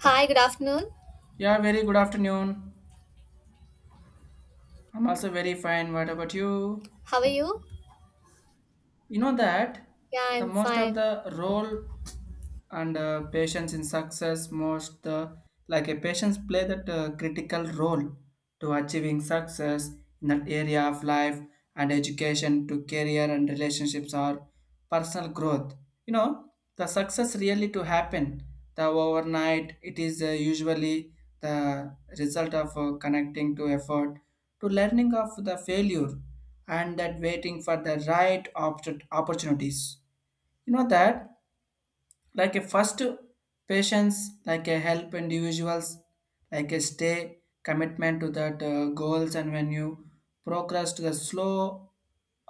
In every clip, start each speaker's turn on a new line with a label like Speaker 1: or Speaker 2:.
Speaker 1: Hi, good afternoon.
Speaker 2: Yeah, very good afternoon. I'm also very fine. What about you?
Speaker 1: How are you?
Speaker 2: You know that
Speaker 1: Yeah,
Speaker 2: the
Speaker 1: I'm
Speaker 2: most of
Speaker 1: fine.
Speaker 2: the role and patients in success most like a patients play that critical role to achieving success in that area of life and education to career and relationships are personal growth, you know, the success really to happen the overnight it is usually the result of connecting to effort to learning of the failure and that waiting for the right opportunities, you know that, like a first patience like a help individuals like a stay commitment to that goals, and when you progress to the slow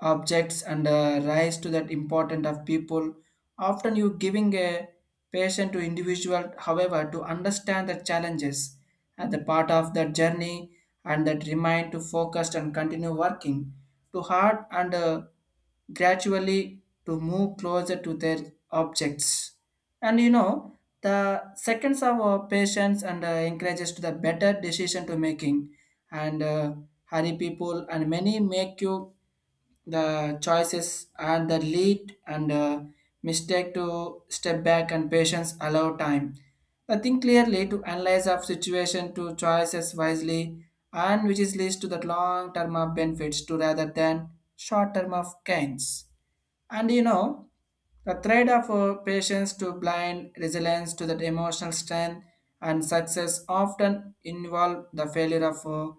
Speaker 2: objects and rise to that important of people often you giving a patient to individual, however, to understand the challenges at the part of that journey and that remind to focus and continue working to hard and gradually to move closer to their objects. And you know, the seconds of patience and encourages to the better decision to making and hurry people and many make you the choices and the lead and mistake to step back, and patience allow time the think clearly to analyze of situation to choices wisely, and which is leads to the long term of benefits to rather than short term of gains. And you know, the trade of patience to blind resilience to that emotional strength, and success often involve the failure of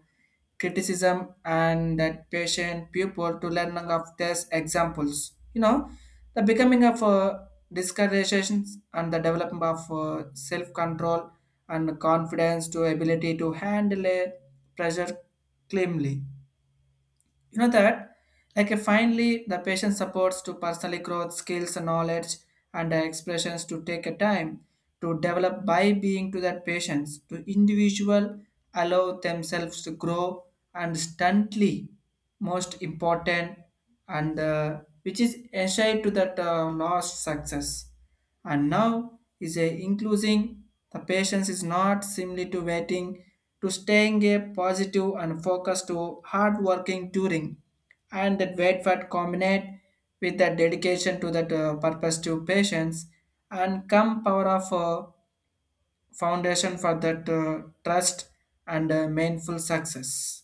Speaker 2: criticism and that patient pupil to learning of these examples. You know, the becoming of discouragements and the development of self-control and confidence to ability to handle a pressure calmly. You know that, like finally, the patient supports to personally growth skills and knowledge and expressions to take a time to develop by being to that patients to individual allow themselves to grow and instantly most important, and which is essential to that lost success. And now is a including the patience is not simply to waiting, to staying a positive and focused to hard working during and that wait for combinate with that dedication to that purpose to patience and come power of foundation for that trust and meaningful success.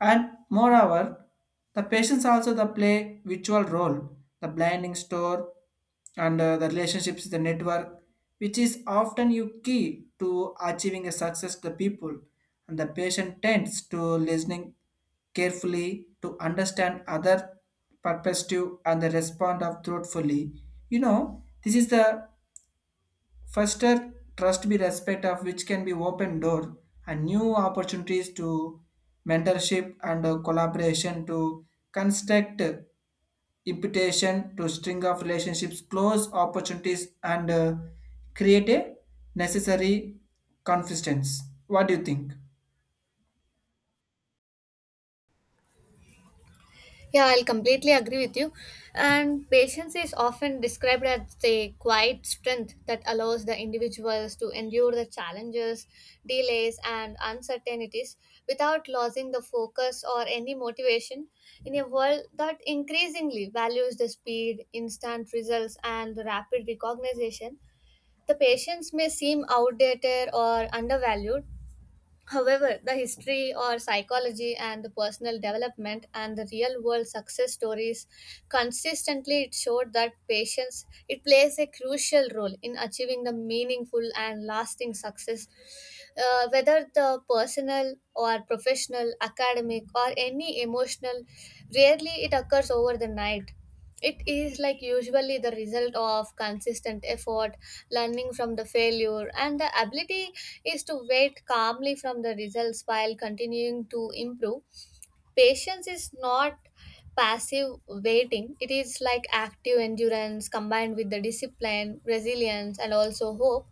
Speaker 2: And moreover, the patients also the play virtual role, the blinding store and the relationships, the network, which is often you key to achieving a success to the people. And the patient tends to listening carefully to understand other perspective and the respond of truthfully. You know, this is the Firster, trust be respect of which can be open door and new opportunities to mentorship and collaboration to construct imputation to string of relationships, close opportunities and create a necessary confidence. What do you think?
Speaker 1: Yeah, I'll completely agree with you. And patience is often described as the quiet strength that allows the individuals to endure the challenges, delays, and uncertainties without losing the focus or any motivation in a world that increasingly values the speed, instant results, and rapid recognition. The patience may seem outdated or undervalued. However, the history or psychology and the personal development and the real world success stories consistently it showed that patience it plays a crucial role in achieving the meaningful and lasting success, whether the personal or professional academic or any emotional rarely it occurs over the night. It is like usually the result of consistent effort, learning from the failure and the ability is to wait calmly from the results while continuing to improve. Patience is not passive waiting, it is like active endurance combined with the discipline, resilience, and also hope.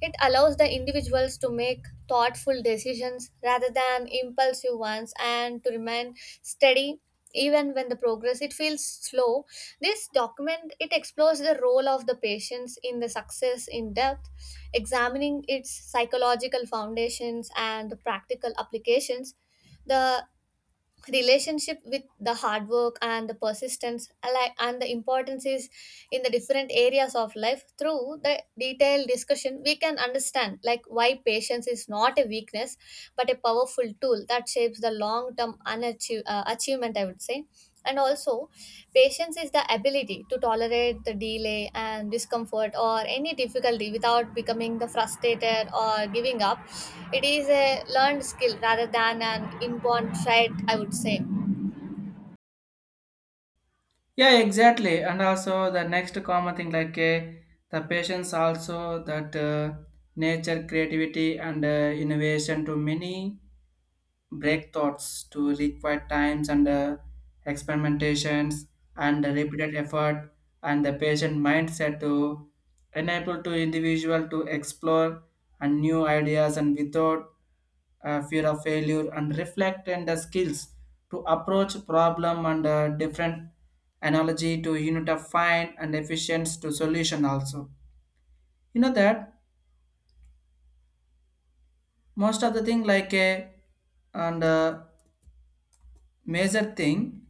Speaker 1: It allows the individuals to make thoughtful decisions rather than impulsive ones and to remain steady even when the progress it feels slow. This document it explores the role of the patients in the success in depth, examining its psychological foundations and the practical applications, the relationship with the hard work and the persistence and the importance is in the different areas of life. Through the detailed discussion we can understand like why patience is not a weakness but a powerful tool that shapes the long term achievement, I would say. And also patience is the ability to tolerate the delay and discomfort or any difficulty without becoming the frustrated or giving up. It is a learned skill rather than an inborn trait, I would say.
Speaker 2: Yeah, exactly. And also the next common thing like the patience also that nature, creativity and innovation to many break thoughts to require times and experimentations and repeated effort, and the patient mindset to enable to individual to explore and new ideas and without fear of failure and reflect and the skills to approach problem and different analogy to unit of find and efficient to solution also. You know that most of the thing like a and major thing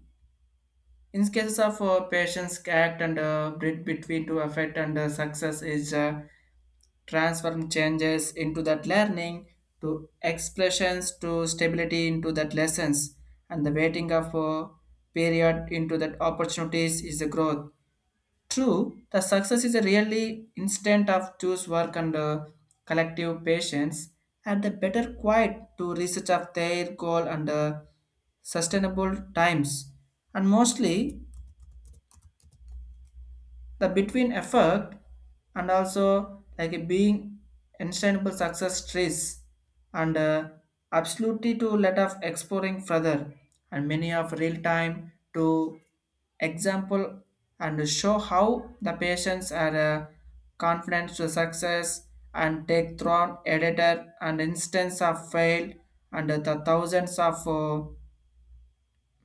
Speaker 2: in cases of patients act and bridge between to affect and success is transform changes into that learning to expressions to stability into that lessons and the waiting of period into that opportunities is the growth. True, the success is a really instant of choose work and collective patience and the better quiet to research of their goal and sustainable times and mostly the between effect and also like being instantable success stress and absolutely to let off exploring further and many of real time to example and show how the patients are confident to success and take thrown editor and instance of fail and the thousands of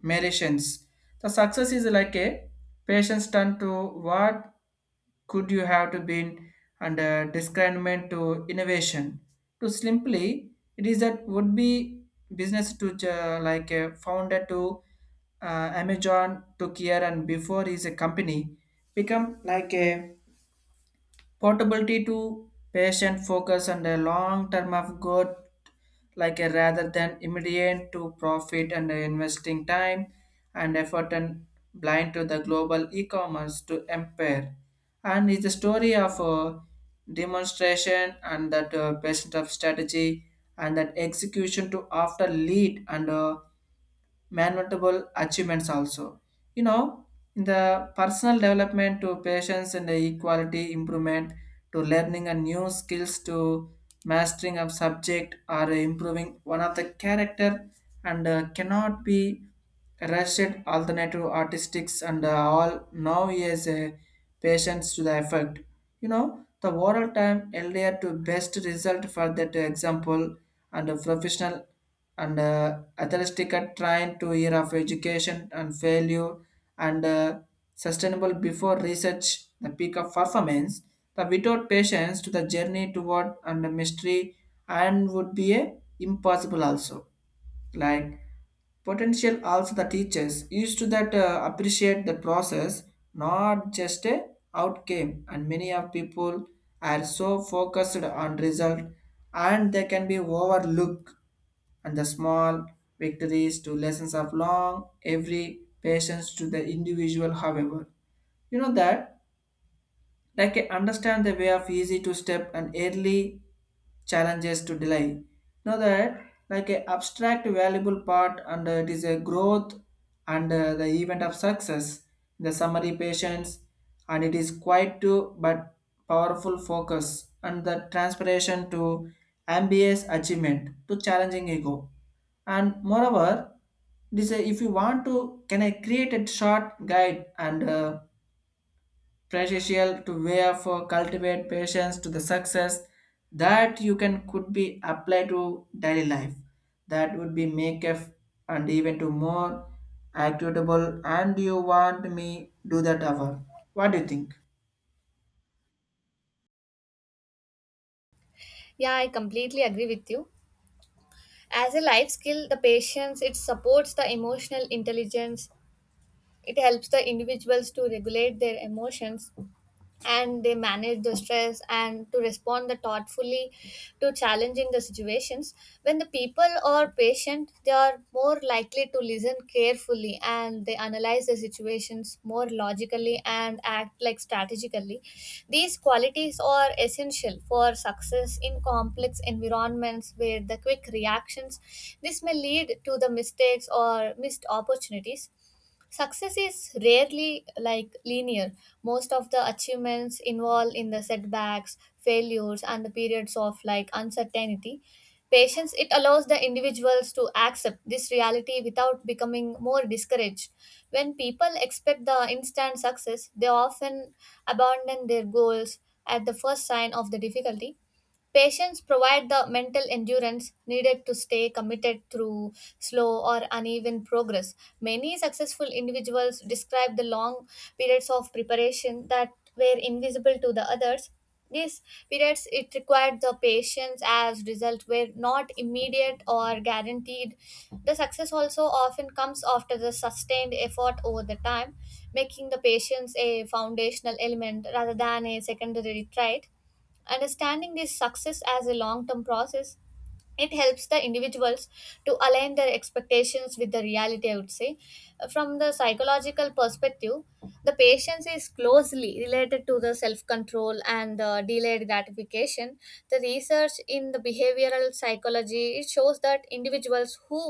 Speaker 2: meditations. The success is like a patience turn to what could you have to been under discriminant to innovation. To simply, it is that would be business to like a founder to uh, Amazon to Kier and before is a company become like a portability to patient focus and a long term of good, like a rather than immediate to profit and investing time and effort and blind to the global e-commerce to empire, and is the story of a demonstration and that patient of strategy and that execution to after lead and manutable achievements also. You know, in the personal development to patience and equality improvement to learning a new skills to mastering of subject or improving one of the character and cannot be Russian alternative artistics and all now is a patience to the effect. You know, the oral time earlier to best result for that example and a professional and athletic are trying to year of education and failure and sustainable before research the peak of performance, the without patience to the journey toward and the mystery and would be a impossible also, like potential also the teachers used to that appreciate the process, not just a outcome, and many of people are so focused on result and they can be overlooked and the small victories to lessons of long every patience to the individual, however, you know that, like I understand the way of easy to step and early challenges to delay. Know that like a abstract valuable part and it is a growth and the event of success the summary patience, and it is quite to but powerful focus and the transpiration to ambitious achievement to challenging ego. And moreover, this if you want to can I create a short guide and precious to wear for cultivate patience to the success that you can could be apply to daily life that would be make a and even to more equitable, and you want me do that hour? What do you think?
Speaker 1: Yeah, I completely agree with you. As a life skill, the patience, it supports the emotional intelligence. It helps the individuals to regulate their emotions and they manage the stress and to respond the thoughtfully to challenging the situations. When the people are patient they are more likely to listen carefully and they analyze the situations more logically and act like strategically. These qualities are essential for success in complex environments where the quick reactions, this may lead to the mistakes or missed opportunities. Success is rarely like linear. Most of the achievements involve in the setbacks, failures, and the periods of like uncertainty. Patience it allows the individuals to accept this reality without becoming more discouraged. When people expect the instant success, they often abandon their goals at the first sign of the difficulty. Patients provide the mental endurance needed to stay committed through slow or uneven progress. Many successful individuals describe the long periods of preparation that were invisible to the others. These periods it required the patience as results were not immediate or guaranteed. The success also often comes after the sustained effort over the time, making the patience a foundational element rather than a secondary trait. Understanding this success as a long term process, it helps the individuals to align their expectations with the reality, I would say. From the psychological perspective, the patience is closely related to the self control and the delayed gratification. The research in the behavioral psychology it shows that individuals who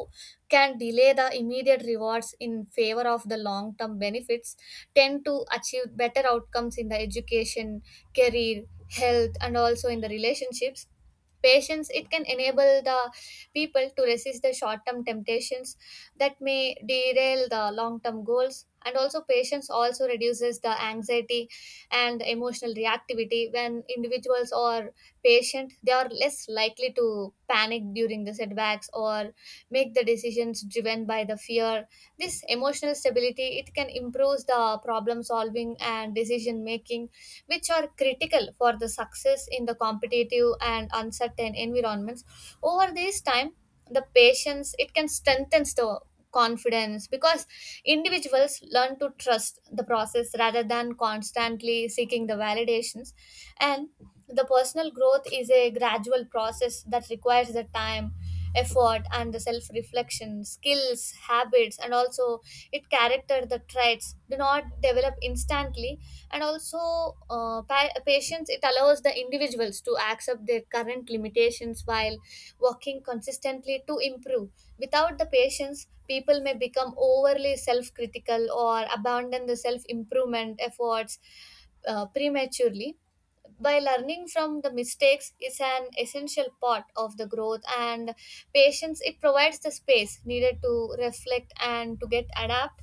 Speaker 1: can delay the immediate rewards in favor of the long term benefits tend to achieve better outcomes in the education, career, health and also in the relationships. Patience it can enable the people to resist the short-term temptations that may derail the long-term goals. And also patience also reduces the anxiety and emotional reactivity. When individuals are patient they are less likely to panic during the setbacks or make the decisions driven by the fear. This emotional stability it can improve the problem solving and decision making, which are critical for the success in the competitive and uncertain environments. Over this time, the patience it can strengthen the confidence because individuals learn to trust the process rather than constantly seeking the validations. And the personal growth is a gradual process that requires the time, effort and the self reflection. Skills, habits and also it character the traits do not develop instantly. And also patience it allows the individuals to accept their current limitations while working consistently to improve. Without the patience people may become overly self-critical or abandon the self-improvement efforts prematurely. By learning from the mistakes is an essential part of the growth, and patience it provides the space needed to reflect and to get adapt.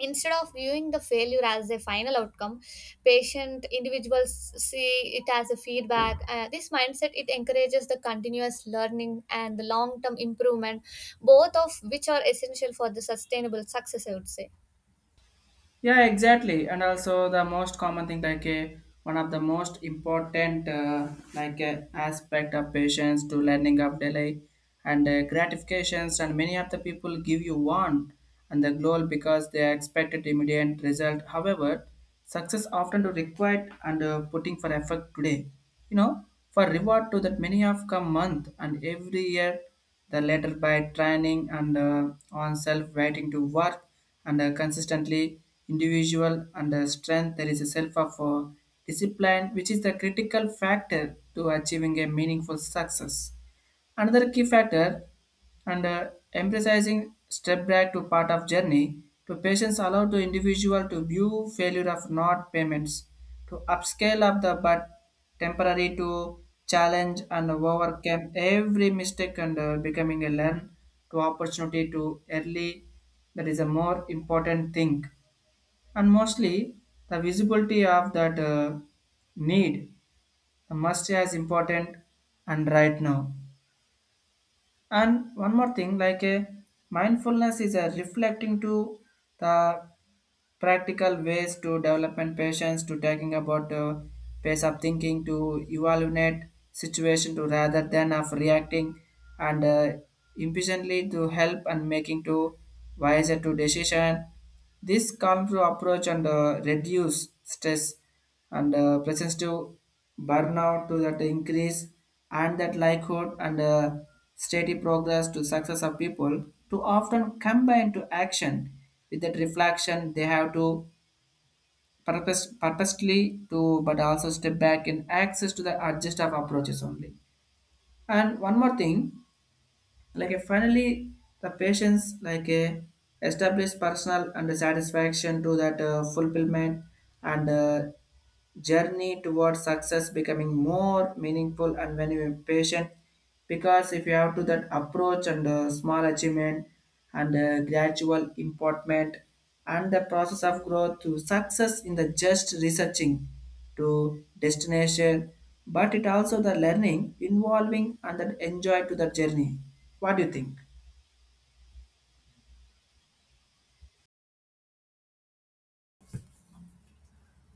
Speaker 1: Instead of viewing the failure as a final outcome, patient individuals see it as a feedback. This mindset it encourages the continuous learning and the long term improvement, both of which are essential for the sustainable success, I would say.
Speaker 2: Yeah, exactly. And also the most common thing, like a one of the most important like aspect of patience to learning of delay and gratifications, and many of the people give you one and the goal because they expected immediate result. However, success often do require and putting for effort today. You know, for reward to that many of come month and every year the latter by training and on self waiting to work and consistently individual and strength there is a self of discipline which is the critical factor to achieving a meaningful success, another key factor and emphasizing step back to part of journey to patients allow to individual to view failure of not payments to upscale of the but temporary to challenge and overcome every mistake and becoming a learn to opportunity to early. That is a more important thing, and mostly the visibility of that need the must as important and right now. And one more thing, like a mindfulness is a reflecting to the practical ways to development patience, to talking about pace of thinking, to evaluate situation, to rather than of reacting and impatiently to help and making to wiser to decision. This calm to approach and reduce stress and presents to burnout to that increase and that likelihood and steady progress to success of people to often combine to action with that reflection they have to purposely to but also step back in access to the adjust of approaches only. And one more thing, like a finally the patients like a established personal and satisfaction to that fulfillment and journey towards success becoming more meaningful, and when you're patient, because if you have to that approach and small achievement and gradual improvement and the process of growth to success in the just researching to destination, but it also the learning involving and that enjoy to the journey. What do you think?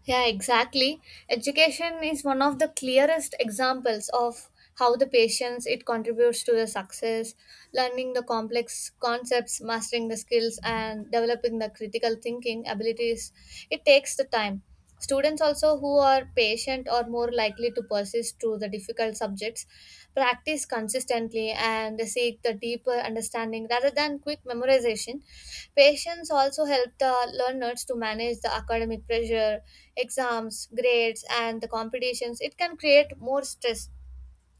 Speaker 1: Yeah, exactly. Education is one of the clearest examples of how the patience it contributes to the success, learning the complex concepts, mastering the skills, and developing the critical thinking abilities. It takes the time. Students also who are patient are more likely to persist through the difficult subjects, practice consistently and seek the deeper understanding rather than quick memorization. Patience also helped the learners to manage the academic pressure, exams, grades, and the competitions. It can create more stress.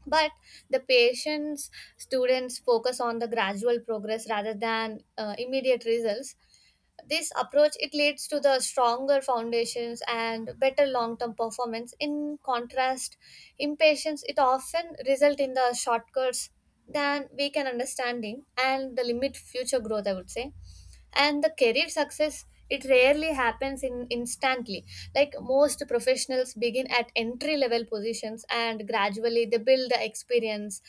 Speaker 1: But the patience students focus on the gradual progress rather than immediate results. This approach it leads to the stronger foundations and better long term performance. In contrast, impatience it often result in the shortcuts than we can understanding and the limit future growth, I would say. And the career success it rarely happens in instantly. Like most professionals begin at entry level positions and gradually they build the experience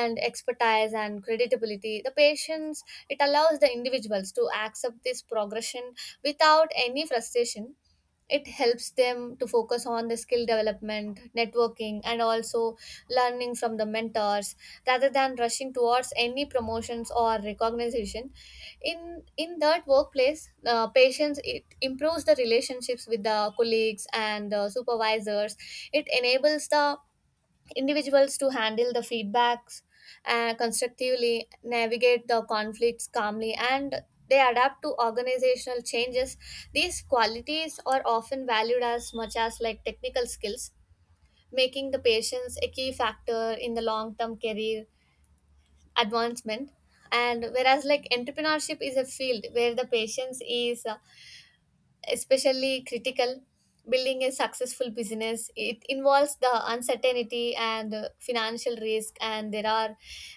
Speaker 1: and expertise and credibility. The patience it allows the individuals to accept this progression without any frustration. It helps them to focus on the skill development, networking and also learning from the mentors rather than rushing towards any promotions or recognition. In that workplace, patience it improves the relationships with the colleagues and the supervisors. It enables the individuals to handle the feedbacks constructively, navigate the conflicts calmly, and they adapt to organizational changes. These qualities are often valued as much as like technical skills, making the patience a key factor in the long term career advancement. And whereas like entrepreneurship is a field where the patience is especially critical. Building a successful business it involves the uncertainty and financial risk, and there are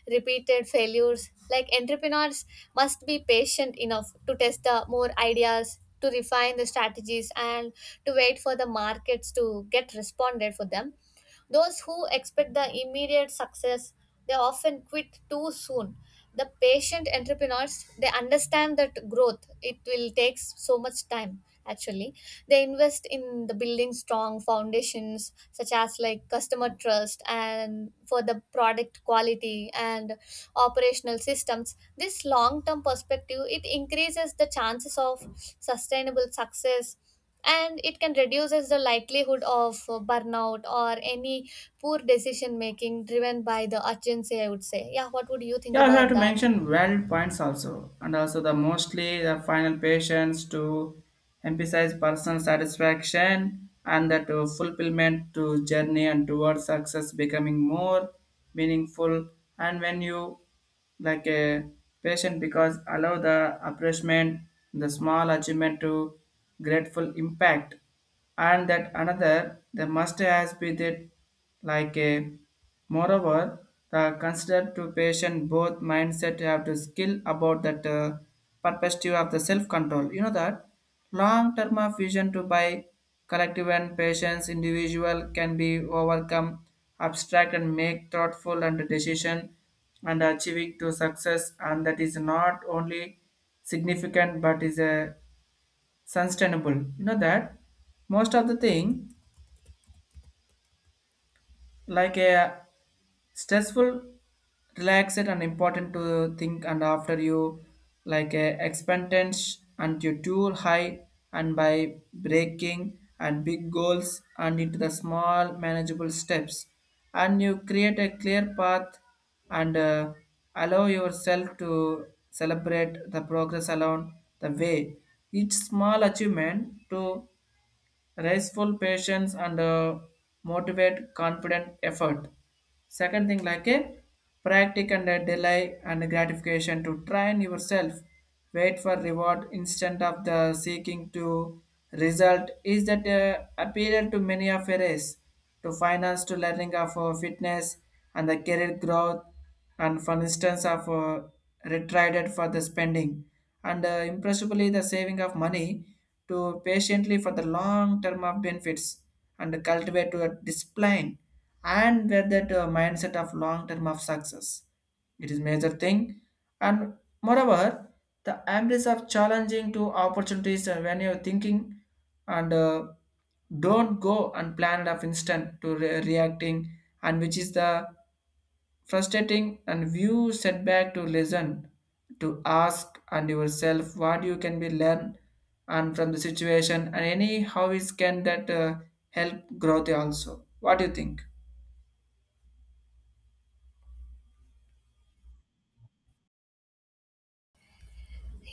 Speaker 1: repeated failures. Like entrepreneurs must be patient enough to test the more ideas, to refine the strategies, and to wait for the markets to get responded for them. Those who expect the immediate success, they often quit too soon. The patient entrepreneurs, they understand that growth, it will take so much time actually. They invest in the building strong foundations such as like customer trust and for the product quality and operational systems. This long-term perspective, it increases the chances of sustainable success and it can reduces the likelihood of burnout or any poor decision making driven by the urgency, I would say. Yeah, what would you think
Speaker 2: Yeah, we have
Speaker 1: about
Speaker 2: to
Speaker 1: that?
Speaker 2: mention valid points also, and also the mostly the final patients to emphasize personal satisfaction and that to fulfillment to journey and towards success becoming more meaningful. And when you like a patient, because allow the appreciation, the small achievement to grateful impact and that another the must has been it like a moreover the considered to patient both mindset have to skill about that perspective of the self control you know that long term of vision to by collective and patients individual can be overcome abstract and make thoughtful and decision and achieving to success, and that is not only significant but is a sustainable you know that most of the thing like a stressful relaxed and important to think. And after you like a expectance and you too high, and by breaking and big goals and into the small manageable steps, and you create a clear path, and allow yourself to celebrate the progress along the way, each small achievement to restful patience and motivate confident effort. Second thing, like a practice and a delay and gratification to train yourself. Wait for reward instead of the seeking to result is that appeal to many of a race to finance to learning of fitness and the career growth, and for instance of retrieved for the spending, and impressively the saving of money to patiently for the long term of benefits, and cultivate to a discipline, and where that mindset of long term of success, it is major thing. And moreover the embrace of challenging to opportunities when you're thinking and don't go and plan it of instant to reacting and which is the frustrating, and view setback to listen to ask and yourself what you can be learn and from the situation and any how is can that help growth also. What do you think?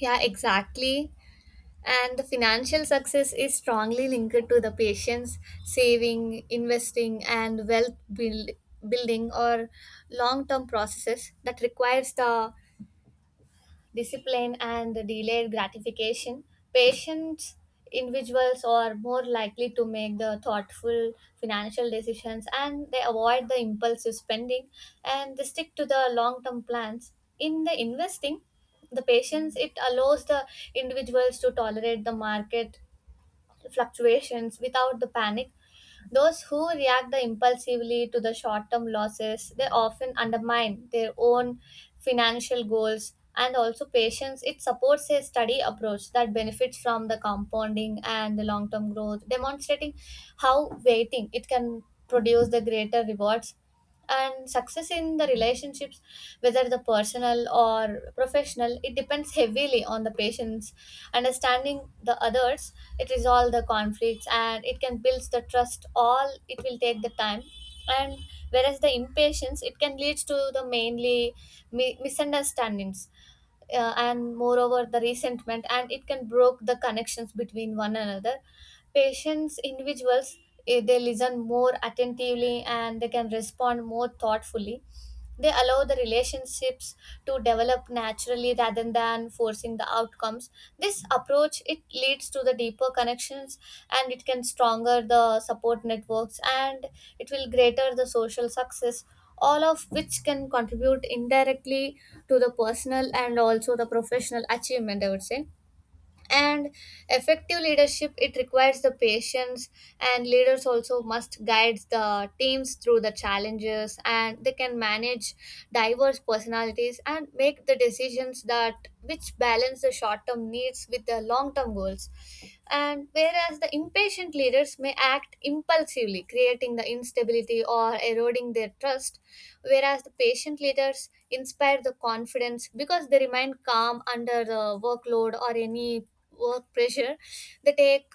Speaker 1: Yeah, exactly. And the financial success is strongly linked to the patient's saving, investing and building or long term processes that requires the discipline and delayed gratification. Patient individuals are more likely to make the thoughtful financial decisions and they avoid the impulsive spending and they stick to the long term plans. In the investing, the patience it allows the individuals to tolerate the market fluctuations without the panic. Those who react impulsively to the short term losses, they often undermine their own financial goals. And also patience, it supports a steady approach that benefits from the compounding and the long term growth, demonstrating how waiting it can produce the greater rewards. And success in the relationships, whether the personal or professional, it depends heavily on the patient's understanding the others. It resolves the conflicts and it can build the trust, all it will take the time. And whereas the impatience it can lead to the mainly misunderstandings, and moreover the resentment, and it can broke the connections between one another. Patients individuals, they listen more attentively and they can respond more thoughtfully. They allow the relationships to develop naturally rather than forcing the outcomes. This approach it leads to the deeper connections, and it can stronger the support networks, and it will greater the social success, all of which can contribute indirectly to the personal and also the professional achievement, I would say. And effective leadership it requires the patience. And leaders also must guide the teams through the challenges and they can manage diverse personalities and make the decisions that which balance the short term needs with the long term goals. And whereas the impatient leaders may act impulsively, creating the instability or eroding their trust, whereas the patient leaders inspire the confidence because they remain calm under the workload or any work pressure. They take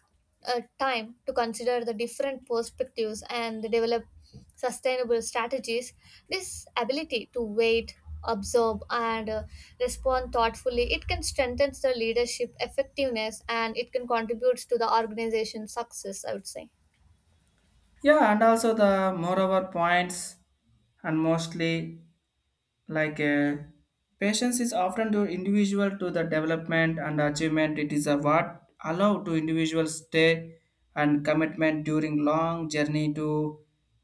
Speaker 1: time to consider the different perspectives and they develop sustainable strategies. This ability to wait, observe and respond thoughtfully it can strengthen the leadership effectiveness and it can contribute to the organization's success, I would say.
Speaker 2: Yeah, and also the moreover points and mostly like patience is often to individual to the development and achievement. It is a what allow to individual stay and commitment during long journey to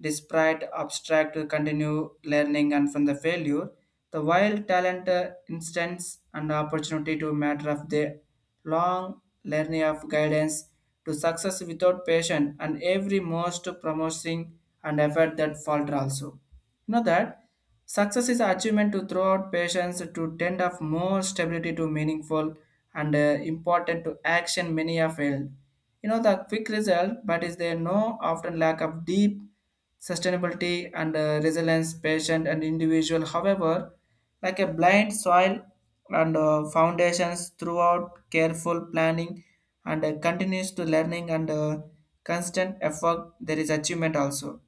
Speaker 2: despite abstract to continue learning and from the failure, the wild talent instance and opportunity to matter of the long learning of guidance to success without patience and every most promising and effort that falter also, you know that success is achievement to throw out patience to tend of more stability to meaningful and important to action many have failed. You know the quick result, but is there no often lack of deep sustainability and resilience, patient and individual. However, like a blind soil and foundations throughout careful planning and continues to learning and constant effort, there is achievement also,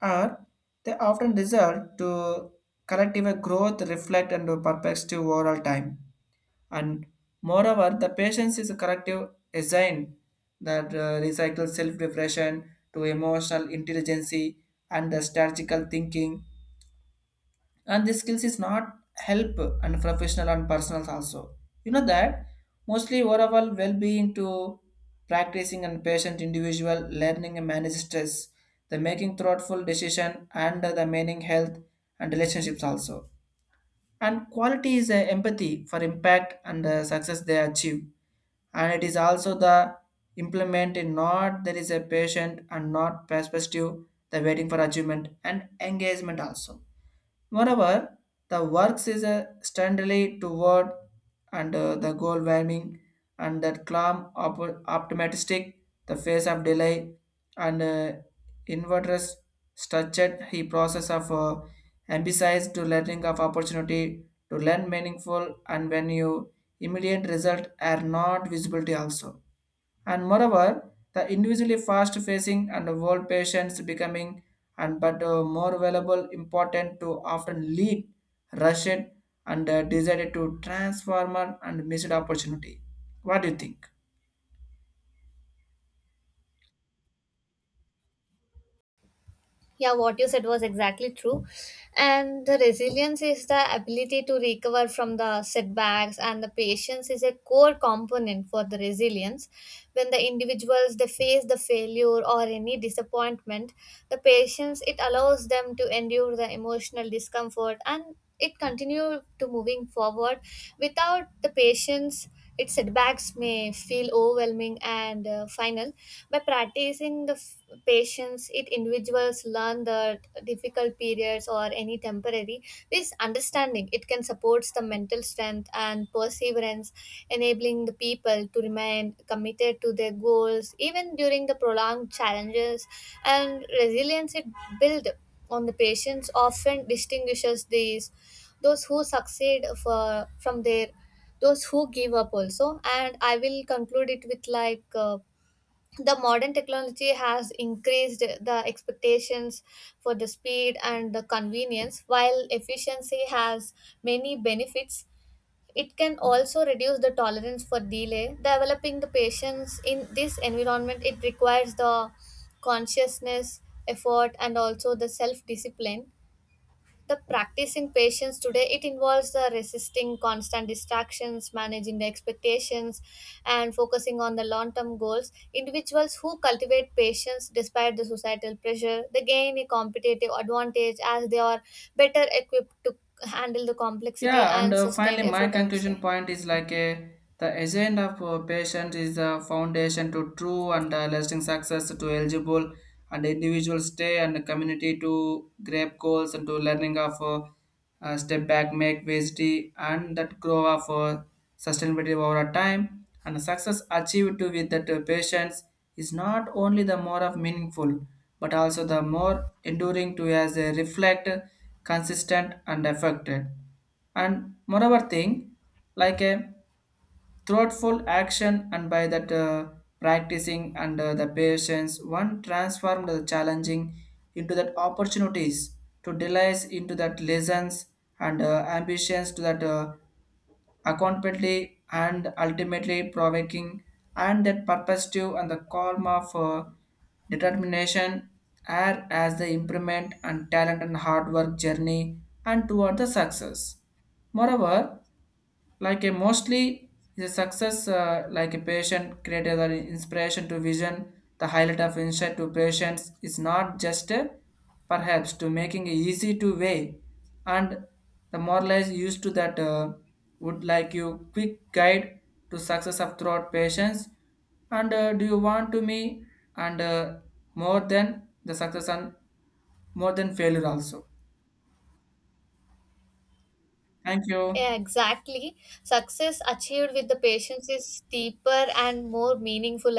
Speaker 2: or they often result to collective growth reflect and perspective overall time. And moreover the patience is a collective design that recycles self-reflection to emotional intelligence and the strategical thinking, and the skills is not help and professional and personal also, you know that mostly overall well-being to practicing and patient individual learning and manage stress, the making thoughtful decision and the meaning health and relationships also, and quality is empathy for impact and success they achieve. And it is also the implement in not there is a patient and not perspective, the waiting for achievement and engagement also. Moreover, the works is a steadily toward and the goal warming, and that calm optimistic the face of delay and inverters structured he process of emphasize to learning of opportunity to learn meaningful and when you immediate result are not visibility also. And moreover, the individually fast facing and world patients becoming, and but more valuable important to often lead Russian and decided to transformer and missed opportunity. What do you think?
Speaker 1: Yeah, what you said was exactly true. And the resilience is the ability to recover from the setbacks, and the patience is a core component for the resilience. When the individuals they face the failure or any disappointment, the patience it allows them to endure the emotional discomfort and it continue to moving forward. Without the patience, its setbacks may feel overwhelming and final. By practicing the patience, it individuals learn that difficult periods or any temporary. This understanding it can supports the mental strength and perseverance, enabling the people to remain committed to their goals even during the prolonged challenges. And resilience it build on the patience often distinguishes these those who succeed for, from their those who give up also. And I will conclude it with like the modern technology has increased the expectations for the speed and the convenience. While efficiency has many benefits, it can also reduce the tolerance for delay. Developing the patience in this environment it requires the consciousness, effort and also the self discipline. The practicing patience today it involves the resisting constant distractions, managing the expectations and focusing on the long term goals. Individuals who cultivate patience despite the societal pressure they gain a competitive advantage as they are better equipped to handle the complexity
Speaker 2: Yeah, and
Speaker 1: and sustain
Speaker 2: finally, my
Speaker 1: effort, I would
Speaker 2: conclusion
Speaker 1: say.
Speaker 2: point is like a the agent of patient is the foundation to true and lasting success to eligible and individual stay and the community to grab goals and to learning of step back, make VSD and that grow of sustainability over time and success achieved to with that patience is not only the more of meaningful but also the more enduring to as a reflect consistent and affected. And moreover thing like a thoughtful action and by that practicing under the patience one transformed the challenging into that opportunities to delays into that lessons and ambitions to that accountability and ultimately provoking and that purposive and the calm of determination are as the improvement and talent and hard work journey and toward the success. Moreover, like a mostly is a success like a patient created an inspiration to vision the highlight of insight to patients is not just a perhaps to making it easy to weigh, and the moralize used to that would like you quick guide to success of throughout patients, and do you want to me and more than the success and more than failure also. Thank you.
Speaker 1: Yeah, exactly. Success achieved with the patience is deeper and more meaningful,